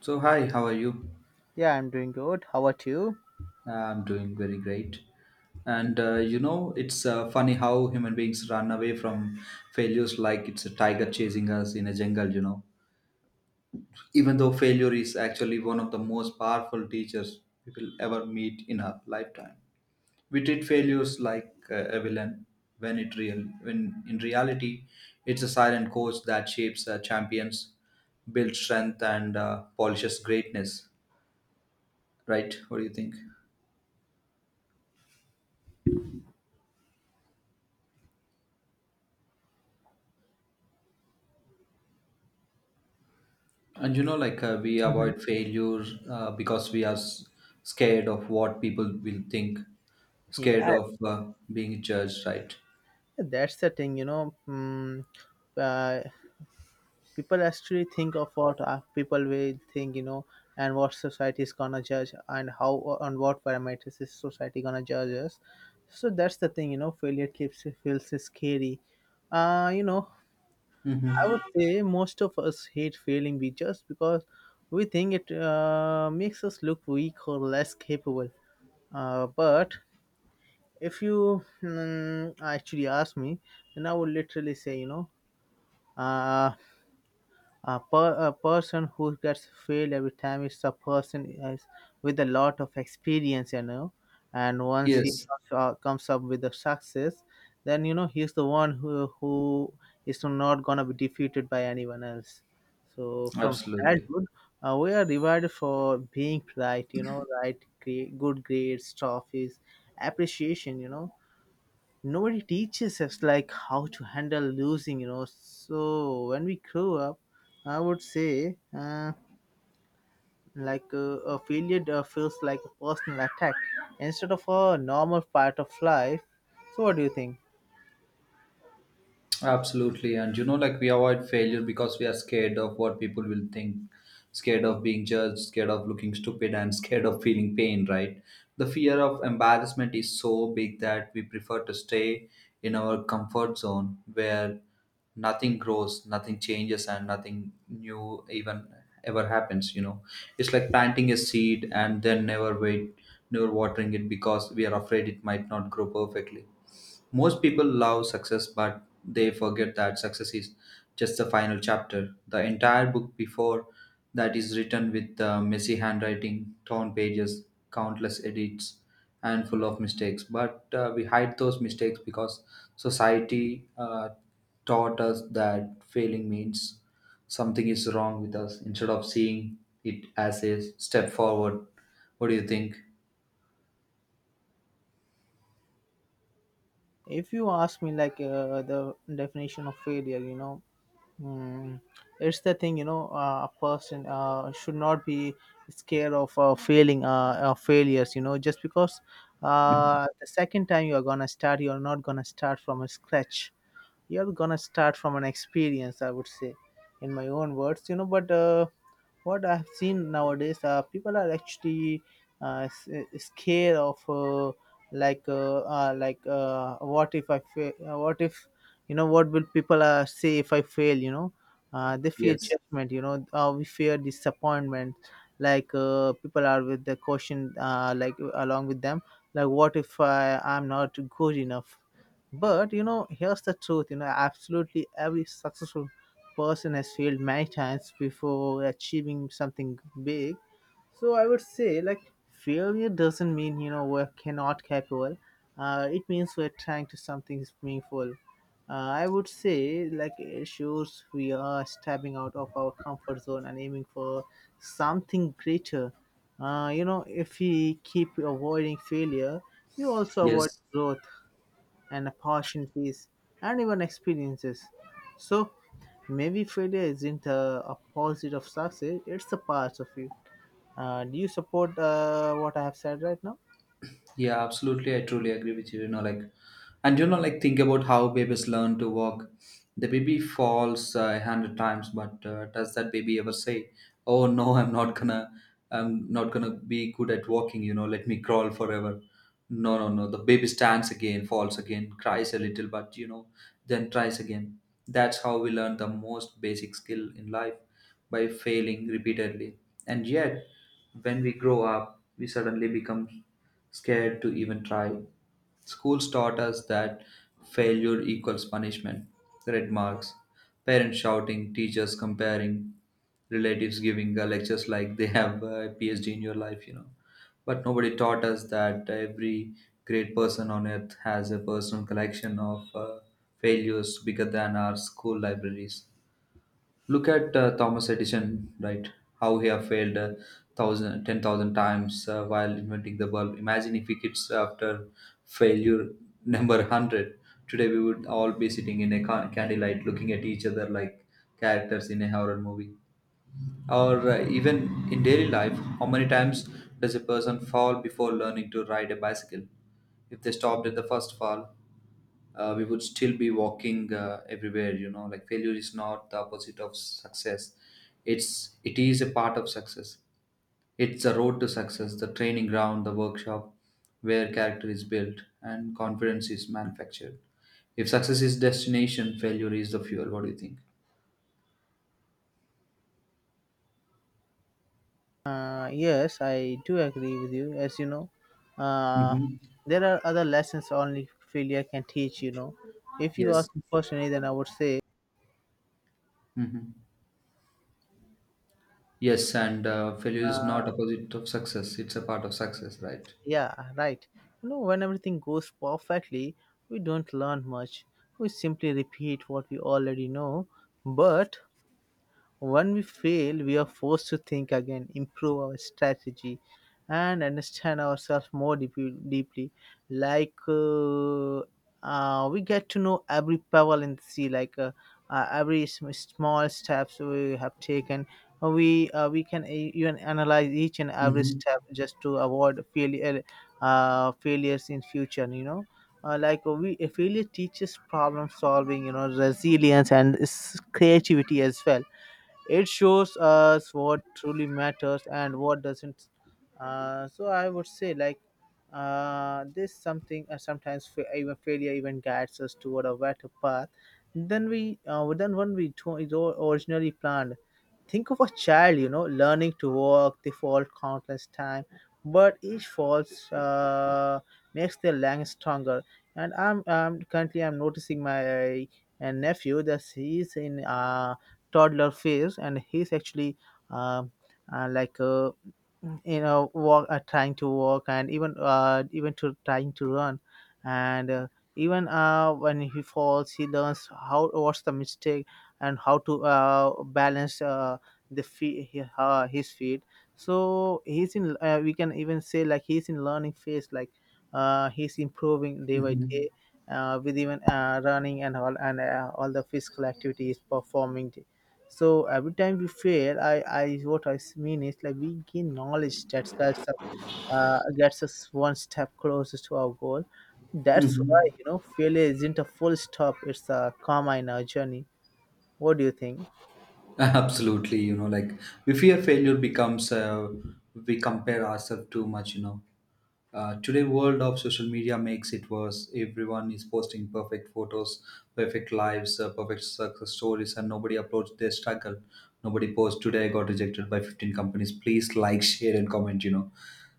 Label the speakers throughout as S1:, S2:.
S1: So, hi, how are you?
S2: Yeah, I'm doing good. How about you?
S1: I'm doing very great. It's funny how human beings run away from failures like it's a tiger chasing us in a jungle, you know. Even though failure is actually one of the most powerful teachers we will ever meet in our lifetime. We treat failures like a villain when in reality it's a silent coach that shapes champions, builds strength and polishes greatness, right? What do you think? And you know, like we
S2: Mhm.
S1: avoid failure because we are scared of what people will think, scared
S2: Yeah,
S1: of being judged, right?
S2: that's the thing, uh, people actually think of what people will think, you know, and what society is gonna judge, and how on what parameters is society gonna judge us. So that's the thing, you know. Failure keeps feels scary. You know, I would
S1: hmm
S2: say most of us hate failing be just because we think it makes us look weak or less capable. But if you actually ask me, then I would literally say, uh, a, a person who gets failed every time is a person is with a lot of experience, you know, and once he
S1: Yes,
S2: comes comes up with a success, then you know he's the one who is not gonna be defeated by anyone else. So from
S1: absolutely.
S2: childhood, we are rewarded for being right, you know, right, great, good grades, trophies, appreciation, you know, nobody teaches us like how to handle losing, you know. So when we grow up, I would say like a failure feels like a personal attack instead of a normal part of life. So what do you think?
S1: Absolutely. And you know, like we avoid failure because we are scared of what people will think, scared of being judged, scared of looking stupid, and scared of feeling pain, right? The fear of embarrassment is so big that we prefer to stay in our comfort zone where nothing grows, nothing changes, and nothing new even ever happens. You know, it's like planting a seed and then never watering it because we are afraid it might not grow perfectly. Most people love success, but they forget that success is just the final chapter. The entire book before that is written with messy handwriting, torn pages, countless edits, and full of mistakes. But we hide those mistakes because society taught us that failing means something is wrong with us instead of seeing it as a step forward. What do you think?
S2: If you ask me, like, the definition of failure, you know. Mm, it's the thing, you know, a person should not be scared of failing, failures, you know, just because the second time you are gonna start, you are not gonna start from a scratch. You are gonna start from an experience, I would say, in my own words, you know. But what I have seen nowadays, people are actually scared of like what if I fail? What if, you know, what will people say if I fail? You know, they fear
S1: Yes,
S2: judgment. You know, we fear disappointment. Like people are with the caution, like along with them. Like what if I'm not good enough? But you know, here's the truth. You know, absolutely every successful person has failed many times before achieving something big. So I would say, like, failure doesn't mean, you know, we're cannot capable. Uh, it means we're trying to something meaningful. I would say, like, it shows we are stepping out of our comfort zone and aiming for something greater. Uh, you know, if we keep avoiding failure, we also avoid
S1: yes,
S2: growth and opportunities and even experiences. So maybe failure isn't opposite of success, it's a part of it. Do you support what I have said right now?
S1: yeah, absolutely. I truly agree with you. You know, like, and you know, like, think about how babies learn to walk. The baby falls 100 times, but does that baby ever say, "Oh no, I'm not gonna be good at walking"? You know, let me crawl forever. No, no, no. The baby stands again, falls again, cries a little, but you know, then tries again. That's how we learn the most basic skill in life by failing repeatedly. And yet, when we grow up, we suddenly become scared to even try. Schools taught us that failure equals punishment, red marks, parents shouting, teachers comparing, relatives giving lectures like they have a PhD in your life, you know. But nobody taught us that every great person on earth has a personal collection of failures bigger than our school libraries. Look at Thomas Edison, right? How he have failed thousand, 10,000 times while inventing the bulb. Imagine if he gets after failure number 100. Today we would all be sitting in a candlelight, looking at each other like characters in a horror movie. Or even in daily life, how many times does a person fall before learning to ride a bicycle? If they stopped at the first fall, we would still be walking everywhere. You know, like failure is not the opposite of success. It is a part of success. It's the road to success, the training ground, the workshop where character is built and confidence is manufactured. If success is destination, failure is the fuel. What do you think?
S2: Yes, I do agree with you. As you know, uh,
S1: hmm
S2: there are other lessons only failure can teach. You know, if you
S1: Yes.
S2: ask me personally, then I would say
S1: Mhm. Yes, and failure is not
S2: uh,
S1: opposite of success. It's a part of success, right?
S2: Yeah, right. You know, when everything goes perfectly, we don't learn much. We simply repeat what we already know. But when we fail, we are forced to think again, improve our strategy, and understand ourselves more deeply. Like we get to know every pebble in the sea, like every small steps we have taken. We can even analyze each and every
S1: hmm
S2: step just to avoid failure, failures in future. You know, like we failure teaches problem solving. You know, resilience and creativity as well. It shows us what truly matters and what doesn't. So I would say, like, this something sometimes even failure even guides us toward a better path than we than one we originally planned. Think of a child, you know, learning to walk. They fall countless times, but each falls makes their legs stronger. And I'm currently I'm noticing my nephew that he's in toddler phase, and he's actually um uh, like uh, you know, walk trying to walk and even even to trying to run, and even when he falls, he learns how what's the mistake and how to balance. The feet, his feet. So he's in. We can even say, like, he's in learning phase. Like he's improving day by
S1: hmm
S2: day, with even running and all the physical activities performing. So every time we fail, I what I mean is, like, we gain knowledge that gets us one step closer to our goal. That's why,
S1: hmm
S2: you know, failure isn't a full stop; it's a comma in our journey. What do you think?
S1: Absolutely, you know, we fear failure becomes we compare ourselves too much, you know. Today world of social media makes it worse. Everyone is posting perfect photos, perfect lives, perfect success stories, and nobody uploads their struggle. Nobody posts today I got rejected by 15 companies. Please like, share, and comment.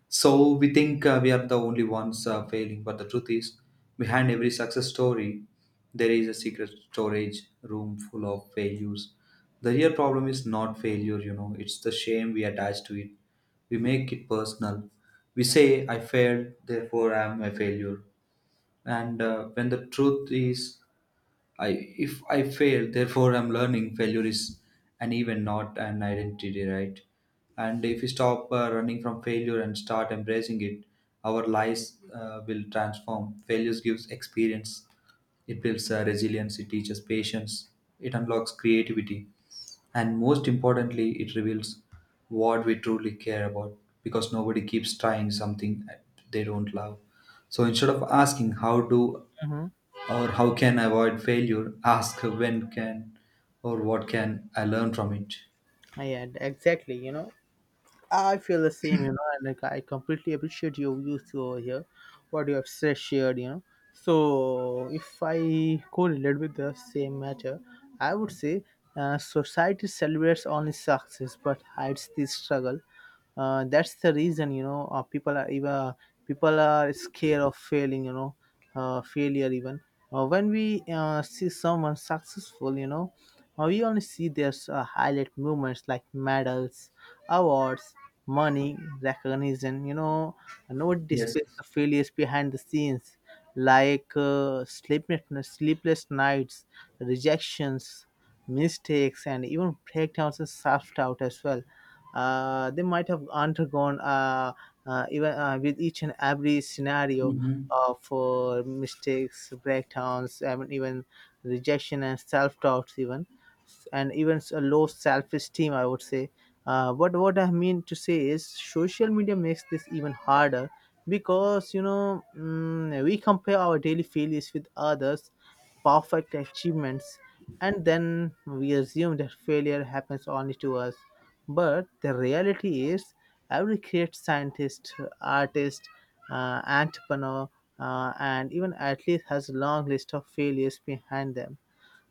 S1: So we think we are the only ones failing, but the truth is, behind every success story, there is a secret storage room full of failures. The real problem is not failure, you know, it's the shame we attach to it. We make it personal. We say, I failed, therefore I am a failure. And when the truth is, I if I fail, therefore I'm learning. Failure is an event, not an identity, right? And if we stop running from failure and start embracing it, our lives will transform. Failures gives experience. It builds resilience. It teaches patience. It unlocks creativity, and most importantly, it reveals what we truly care about. Because nobody keeps trying something they don't love. So instead of asking how do
S2: Mm-hmm.
S1: or how can I avoid failure? Ask when can or what can I learn from it?
S2: Yeah, exactly. You know, I feel the same, you know, and like I completely appreciate your views over here, what you have said, shared, you know. So, if I correlate with the same matter, I would say society celebrates only success but hides the struggle. Uh, that's the reason, you know, people are scared of failing, you know. Failure even When we see someone successful, you know, we only see their highlight moments, like medals, awards, money, recognition, you know. Nobody
S1: Yes.
S2: displays the failures behind the scenes, like sleepless nights, rejections, mistakes, and even breakdowns and self-doubt as well. They might have undergone even with each and every scenario
S1: Mm-hmm.
S2: for mistakes, breakdowns, and even rejection and self-doubts even, and even low self-esteem, I would say. But what I mean to say is social media makes this even harder because, you know, mm, we compare our daily failures with others perfect achievements, and then we assume that failure happens only to us. But the reality is, every great scientist, artist, entrepreneur, and even athlete has a long list of failures behind them.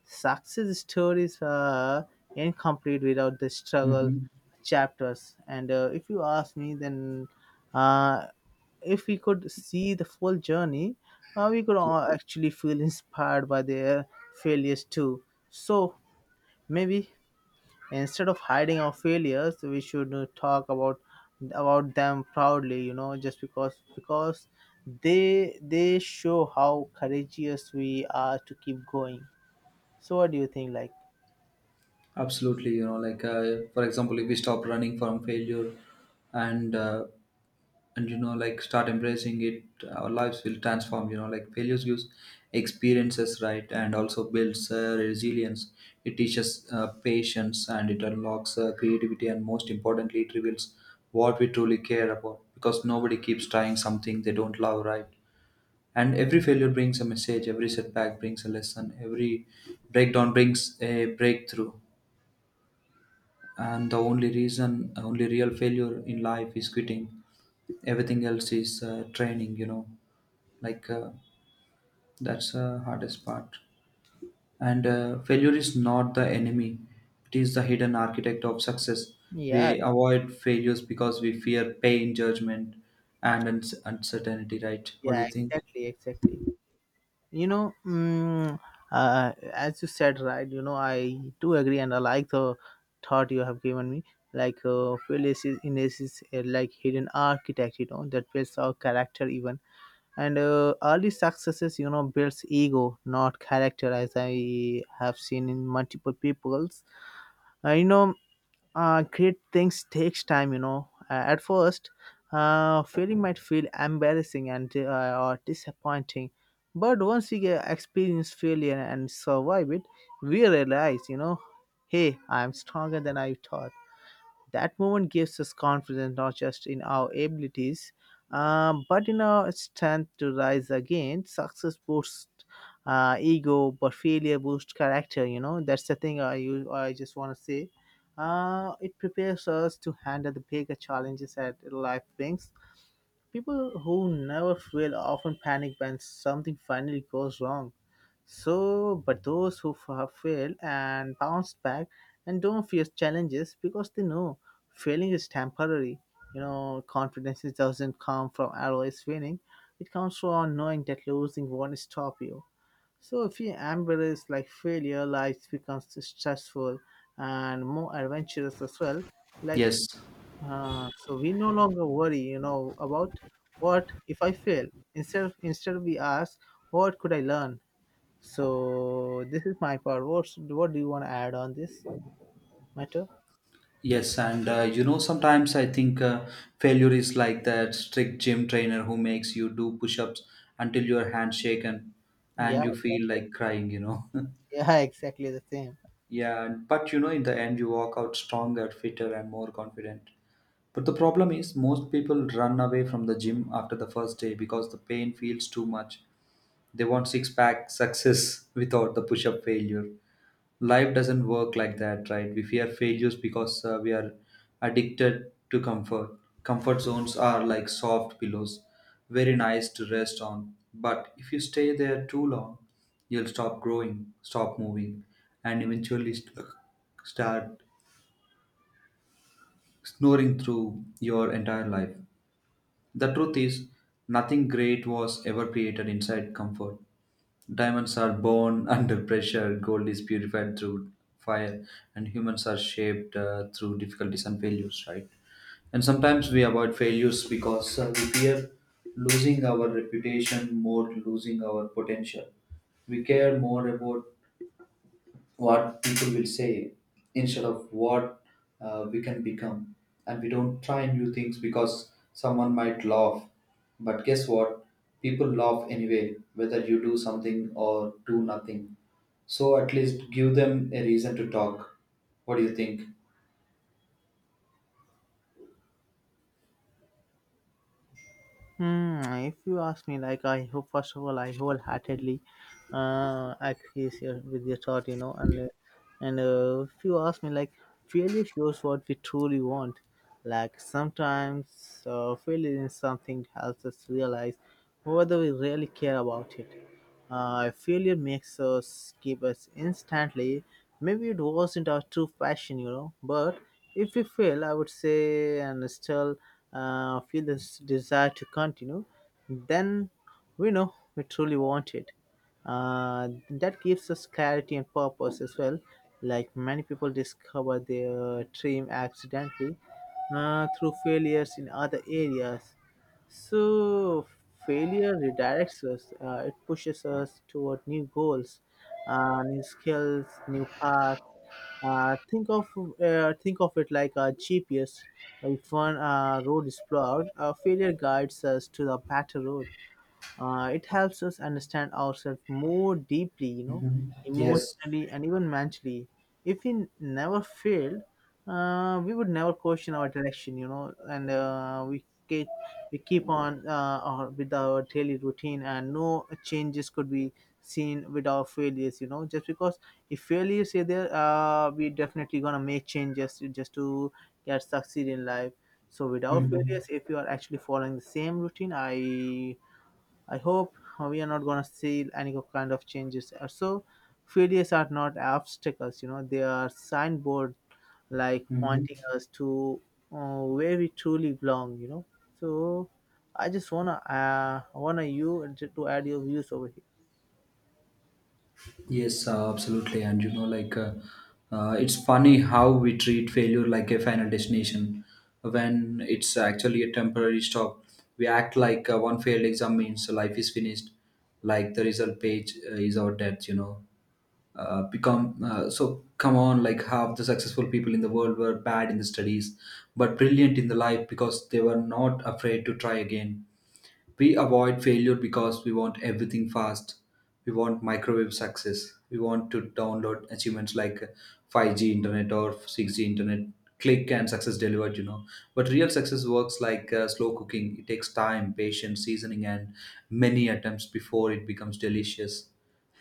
S2: Success stories are incomplete without the struggle
S1: Mm-hmm.
S2: chapters. And if you ask me, then uh, if we could see the full journey, we could all actually feel inspired by their failures too. So maybe instead of hiding our failures, we should talk about them proudly. You know, just because they show how courageous we are to keep going. So what do you think? Like.
S1: Absolutely, for example, if we stop running from failure, and uh, and you know, like start embracing it, our lives will transform. You know, like failures gives experiences, right, and also builds resilience. It teaches patience, and it unlocks creativity, and most importantly, it reveals what we truly care about. Because nobody keeps trying something they don't love, right? And every failure brings a message. Every setback brings a lesson. Every breakdown brings a breakthrough, and the only reason only real failure in life is quitting. Everything else is training, you know, like uh, that's the hardest part. And failure is not the enemy, it is the hidden architect of success.
S2: Yeah,
S1: We avoid failures because we fear pain, judgment, and uncertainty, right? What do
S2: yeah,
S1: you think?
S2: exactly, exactly. You know, mm, as you said, right? You know, I do agree, and I like the thought you have given me. Like, Phyllis is in this is like hidden architect, you know, that builds our character even. And early successes, you know, builds ego, not character, as I have seen in multiple peoples. Uh, you know, Great things takes time, you know. At first, failing might feel embarrassing and or disappointing, but once we get experience failure and survive it, we realize, you know, hey, I'm stronger than I thought. That moment gives us confidence, not just in our abilities, but in our strength to rise again. Success boosts ego, but failure boosts character. You know, that's the thing I just want to say. It prepares us to handle the bigger challenges that life brings. People who never fail often panic when something finally goes wrong. So, but those who have failed and bounced back and don't fear challenges because they know failing is temporary. You know, confidence doesn't come from always winning. It comes from knowing that losing won't stop you. So, if you embrace like failure, life becomes stressful and more adventurous as well. Like,
S1: Yes.
S2: so we no longer worry, you know, about what if I fail. Instead, we ask, what could I learn? So this is my part. What do you want to add on this matter?
S1: Yes, and you know, sometimes I think failure is like that strict gym trainer who makes you do push ups until your hands shaken and
S2: Yeah,
S1: you feel like crying, you know.
S2: yeah, exactly the same.
S1: Yeah, and but you know, in the end, you walk out stronger, fitter, and more confident. But the problem is, most people run away from the gym after the first day because the pain feels too much. They want six pack success without the push up failure. Life doesn't work like that, right? We fear failures because we are addicted to comfort. Comfort zones are like soft pillows, very nice to rest on, but if you stay there too long, you'll stop growing, stop moving, and eventually start snoring through your entire life. The truth is, nothing great was ever created inside comfort. Diamonds are born under pressure, gold is purified through fire, and humans are shaped through difficulties and failures, right? And sometimes we avoid failures because we fear losing our reputation more, losing our potential. We care more about what people will say instead of what we can become. And we don't try new things because someone might laugh. But guess what? People laugh anyway, whether you do something or do nothing. So at least give them a reason to talk. What do you think?
S2: Hmm, if you ask me, like, I hope, first of all, I wholeheartedly agree here with your thought, you know, and if you ask me, like, failure shows what we truly want. Like sometimes failure in something helps us realize whether we really care about it. If failure makes us give us instantly. Maybe it wasn't our true passion, you know, but if we fail, I would say, and still feel this desire to continue, then we know we truly want it. That gives us clarity and purpose as well. Like many people discover their dream accidentally through failures in other areas. So failure redirects us. It pushes us toward new goals, new skills, new paths. Uh, think of think of it like a GPS. If one road is blocked, a failure guides us to the better road. It helps us understand ourselves more deeply,
S1: Yes.
S2: emotionally and even mentally. If we never failed, we would never question our direction, and we keep on with our daily routine, and no changes could be seen with our failures, just because if failures are there, we definitely gonna make just to get succeed in life. So without
S1: hmm
S2: failures, if you are actually following the same routine, I hope we are not going to see any kind of changes. So failures are not obstacles, you know, they are signboard, like pointing
S1: hmm
S2: us to where we truly belong, you know. So I just wanna wanna you to add your views over here.
S1: Yes, absolutely. And you know, like it's funny how we treat failure like a final destination when it's actually a temporary stop. We act like one failed exam means life is finished, like the result page is our death. You know, become so. Come on, like half the successful people in the world were bad in the studies, but brilliant in the life because they were not afraid to try again. We avoid failure because we want everything fast. We want microwave success. We want to download achievements like 5G internet or 6G internet. Click and success delivered, you know. But real success works like slow cooking. It takes time, patience, seasoning, and many attempts before it becomes delicious.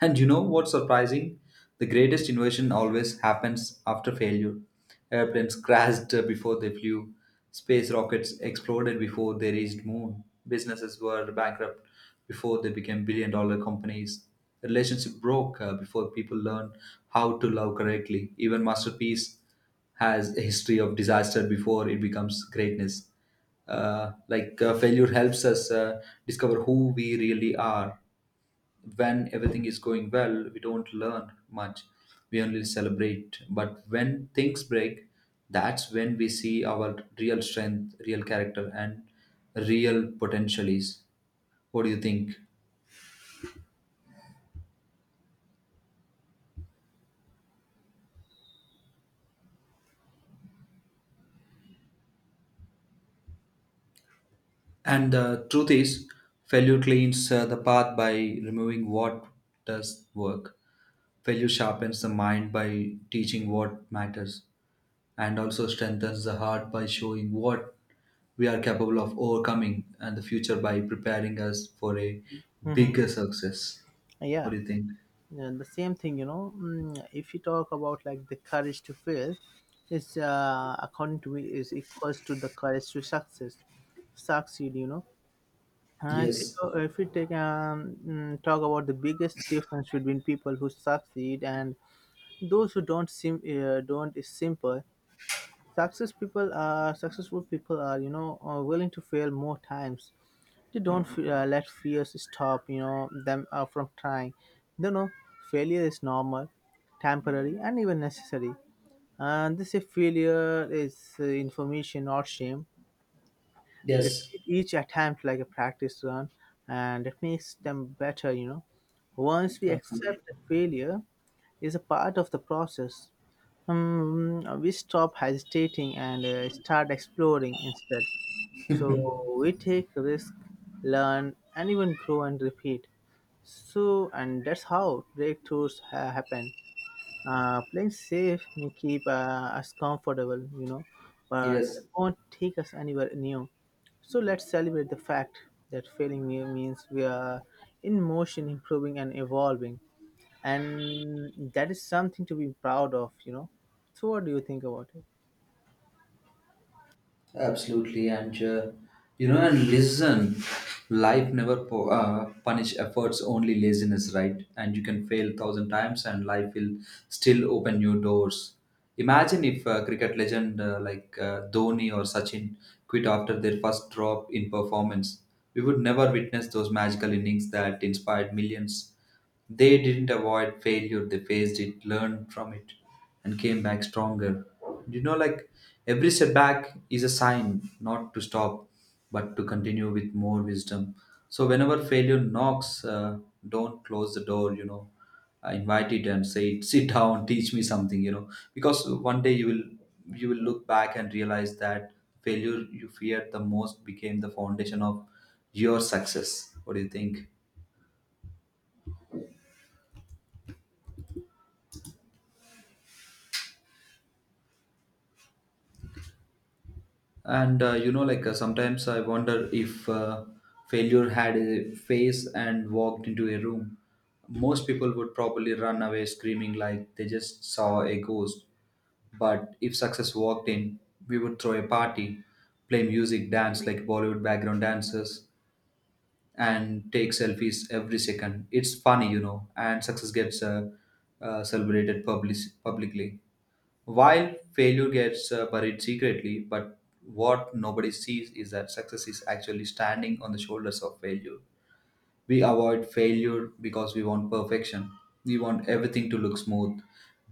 S1: And you know what's surprising? The greatest innovation always happens after failure. Airplanes crashed before they flew. Space rockets exploded before they reached moon. Businesses were bankrupt before they became billion dollar companies. The relationship broke before people learned how to love correctly. Even masterpiece has a history of disaster before it becomes greatness. Failure helps us discover who we really are. When everything is going well, we don't learn much. We only celebrate. But when things break, that's when we see our real strength, real character, and real potential is. What do you think? And the truth is, failure cleans the path by removing what does work. Failure sharpens the mind by teaching what matters, and also strengthens the heart by showing what we are capable of overcoming, and the future by preparing us for a
S2: Hmm.
S1: bigger success. What
S2: Yeah,
S1: do you think?
S2: and the same thing, you know. If you talk about like the courage to fail is, according to me, is equals to the courage to succeed. You know, if you
S1: Yes.
S2: if you take talk about the biggest difference between people who succeed and those who don't, is simple. Successful people are, you know, are willing to fail more times. They don't let fears stop, you know, them from trying. They know failure is normal, temporary, and even necessary. And this is failure is, information, not shame. They
S1: Yes.
S2: treat each attempt like a practice run, and it makes them better, you know. Once we
S1: Absolutely.
S2: accept that failure is a part of the process, we stop hesitating and start exploring instead. So we take risk, learn, and even grow and repeat. So, and that's how breakthroughs happen. Playing safe may keep us comfortable, you know, but
S1: Yes.
S2: it won't take us anywhere new. So let's celebrate the fact that failing new means we are in motion, improving and evolving, and that is something to be proud of, you know. So what do you think about it?
S1: Absolutely, and you know, and listen. Life never punish efforts, only laziness, right? And you can fail thousand times, and life will still open new doors. Imagine if cricket legend Dhoni or Sachin quit after their first drop in performance. We would never witness those magical innings that inspired millions. They didn't avoid failure, they faced it, learned from it, and came back stronger. You know, like every setback is a sign not to stop, but to continue with more wisdom. So, whenever failure knocks, don't close the door, you know. I invite it and say, sit down, teach me something, you know, because one day you will look back and realize that failure you feared the most became the foundation of your success. What do you think? And you know, like sometimes I wonder if failure had a face and walked into a room, most people would probably run away screaming like they just saw a ghost. But if success walked in, we would throw a party, play music, dance like Bollywood background dancers, and take selfies every second. It's funny, you know, and success gets celebrated publicly, while failure gets buried secretly, but what nobody sees is that success is actually standing on the shoulders of failure. We avoid failure because we want perfection. We want everything to look smooth,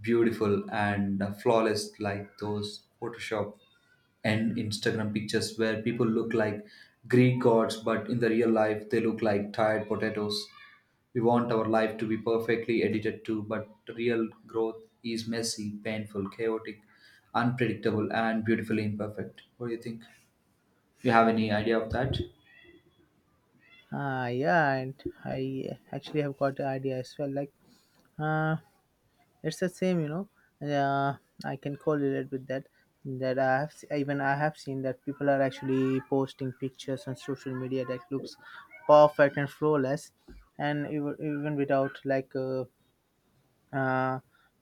S1: beautiful, and flawless, like those Photoshop and Instagram pictures where people look like Greek gods, but in the real life, they look like tired potatoes. We want our life to be perfectly edited too, but real growth is messy, painful, chaotic, unpredictable, and beautifully imperfect. What do you think? You have any idea of that?
S2: Ah, yeah, and I actually have got the idea as well. Like, uh, it's the same, you know. Uh, I can correlate with that. That I have even I have seen that people are actually posting pictures on social media that looks perfect and flawless, and even without uh,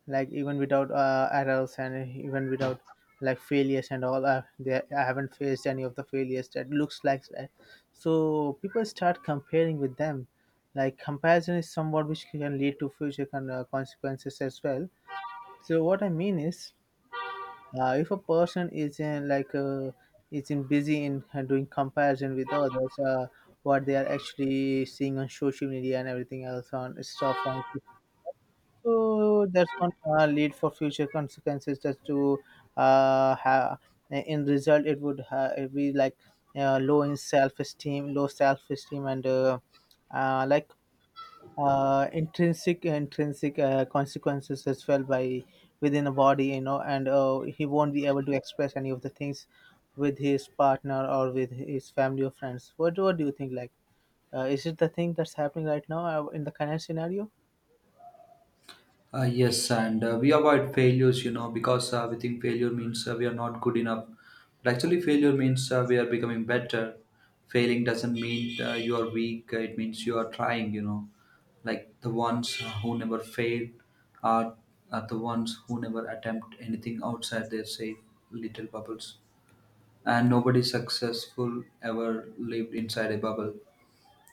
S2: even without errors and even without like failures and all. I haven't faced any of the failures that looks like that. So people start comparing with them. Like comparison is somewhat which can lead to future consequences as well. So what I mean is, if a person is in busy in doing comparison with others, what they are actually seeing on social media and everything else on stuff on, so that's going to lead for future consequences. Just to have in result, it would it be like low in self esteem, low self esteem, and uh, like intrinsic intrinsic consequences as well by within a body, you know, and he won't be able to express any of the things with his partner or with his family or friends. What do you think, like, is it the thing that's happening right now in the current scenario?
S1: Yes, and we avoid failures, you know, because we think failure means we are not good enough. But actually, failure means we are becoming better. Failing doesn't mean you are weak, it means you are trying, you know. Like the ones who never fail are, are the ones who never attempt anything outside their safe little bubbles. And nobody successful ever lived inside a bubble.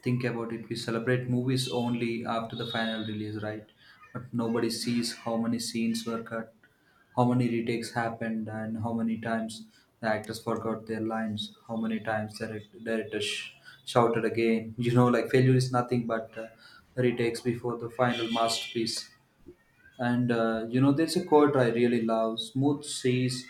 S1: Think about it, we celebrate movies only after the final release, right? But nobody sees how many scenes were cut, how many retakes happened, and how many times the actors forgot their lines, how many times the director shouted again. You know, like failure is nothing but retakes before the final masterpiece. And you know, there's a quote I really love, smooth seas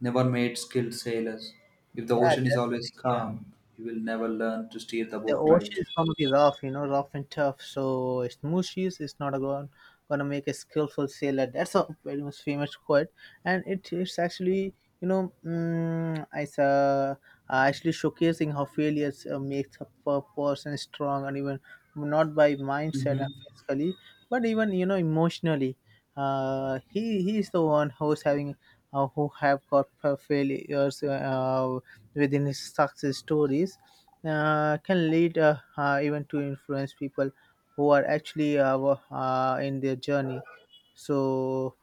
S1: never made skilled sailors. If the
S2: Yeah,
S1: ocean is
S2: that's the
S1: always
S2: thing. Yeah,
S1: calm, you will never learn to steer the
S2: the
S1: boat right.
S2: ocean is going to be rough, you know, rough and tough. So a smooth seas is not going to make a skillful sailor. That's a very much famous quote, and it is actually, you know, mm, it's actually showcasing how failures makes a person strong, and even not by mindset and
S1: Mm-hmm.
S2: physically, but even, you know, emotionally. He he is the one who's having who have got failures within his success stories, can lead, even to influence people who are actually in their journey. So,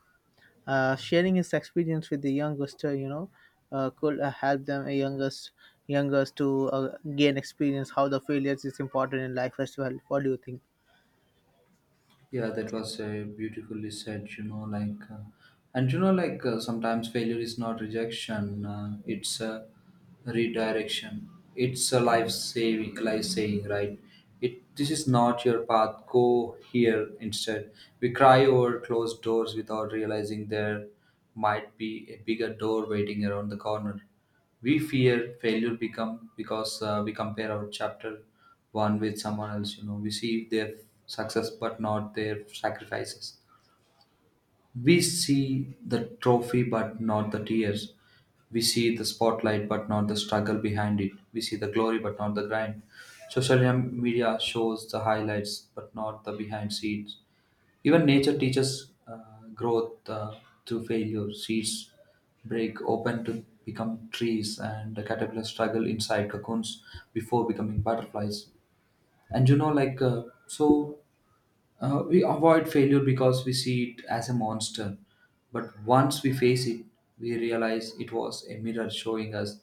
S2: sharing his experience with the youngest, you know, could help them, youngest to gain experience how the failures is important in life as well. What do you think?
S1: Yeah, that was beautifully said. You know, like, and you know, like, sometimes failure is not rejection; it's a redirection. It's a life saving, life saying, right? It this is not your path. Go here instead. We cry over closed doors without realizing there might be a bigger door waiting around the corner. We fear failure become because we compare our chapter one with someone else. You know, we see their success but not their sacrifices, we see the trophy but not the tears, we see the spotlight but not the struggle behind it, we see the glory but not the grind. Social media shows the highlights but not the behind scenes. Even nature teaches growth through failure. Seeds break open to become trees, and the caterpillars struggle inside cocoons before becoming butterflies. And you know, like, so we avoid failure because we see it as a monster. But once we face it, we realize it was a mirror showing us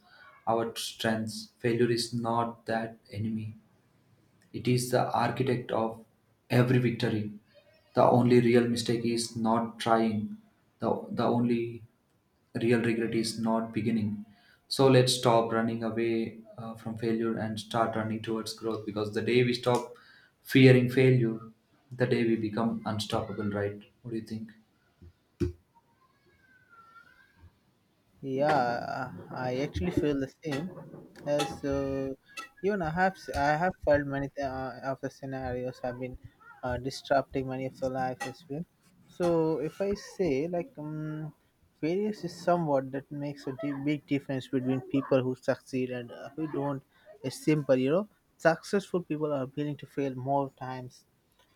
S1: our strengths. Failure is not that enemy, it is the architect of every victory. The only real mistake is not trying. The only real regret is not beginning. So let's stop running away from failure and start running towards growth, because the day we stop fearing failure, the day we become unstoppable, right? What do you think?
S2: Yeah, I actually feel the same. As even I have felt many of the scenarios have been disrupting many of the life as well. So if I say like various is somewhat that makes a big difference between people who succeed and who don't. It's simple, you know. Successful people are willing to fail more times,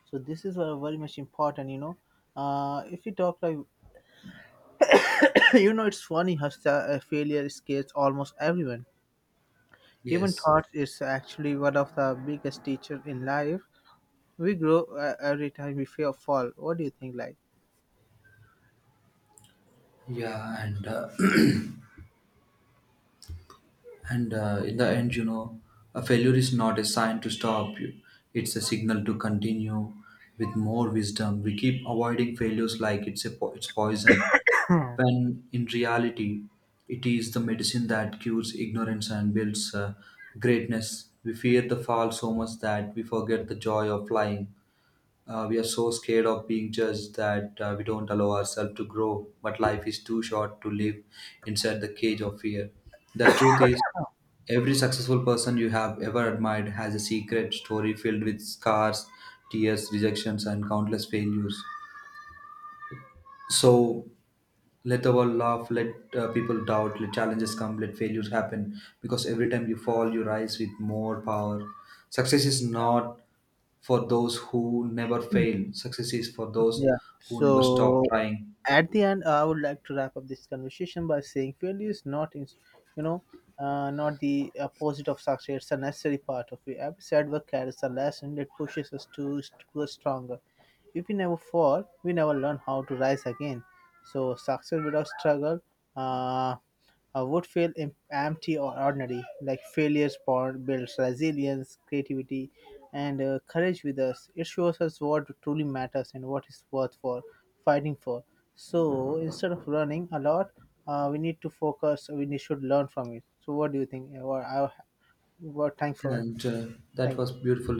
S2: so this is very much important, you know. If you talk like, you know, it's funny how failure scares almost everyone. Even
S1: Yes.
S2: thought is actually one of the biggest teachers in life. We grow every time we fall. What do you think, like?
S1: Yeah, and and in the end, you know, a failure is not a sign to stop you, it's a signal to continue with more wisdom. We keep avoiding failures like it's, a it's poison, when in reality, it is the medicine that cures ignorance and builds greatness. We fear the fall so much that we forget the joy of flying. We are so scared of being judged that we don't allow ourselves to grow, but life is too short to live inside the cage of fear. The truth is, every successful person you have ever admired has a secret story filled with scars, tears, rejections, and countless failures. So let the world laugh, let people doubt, let challenges come, let failures happen. Because every time you fall, you rise with more power. Success is not for those who never fail, success is for those
S2: Yeah.
S1: who never stop
S2: So
S1: trying.
S2: at the end, I would like to wrap up this conversation by saying failure is not in, you know, not the opposite of success. It's a necessary part of it. Every setback carries a lesson that pushes us to grow stronger. If we never fall, we never learn how to rise again. So success without struggle uh, would feel empty or ordinary. Like failure sport builds resilience, creativity, and courage with us. It shows us what truly matters and what is worth for fighting for. So instead of running a lot, we need to focus. We need, should learn from it. So what do you think? Well, thanks for
S1: And that
S2: thank
S1: was
S2: you.
S1: beautiful.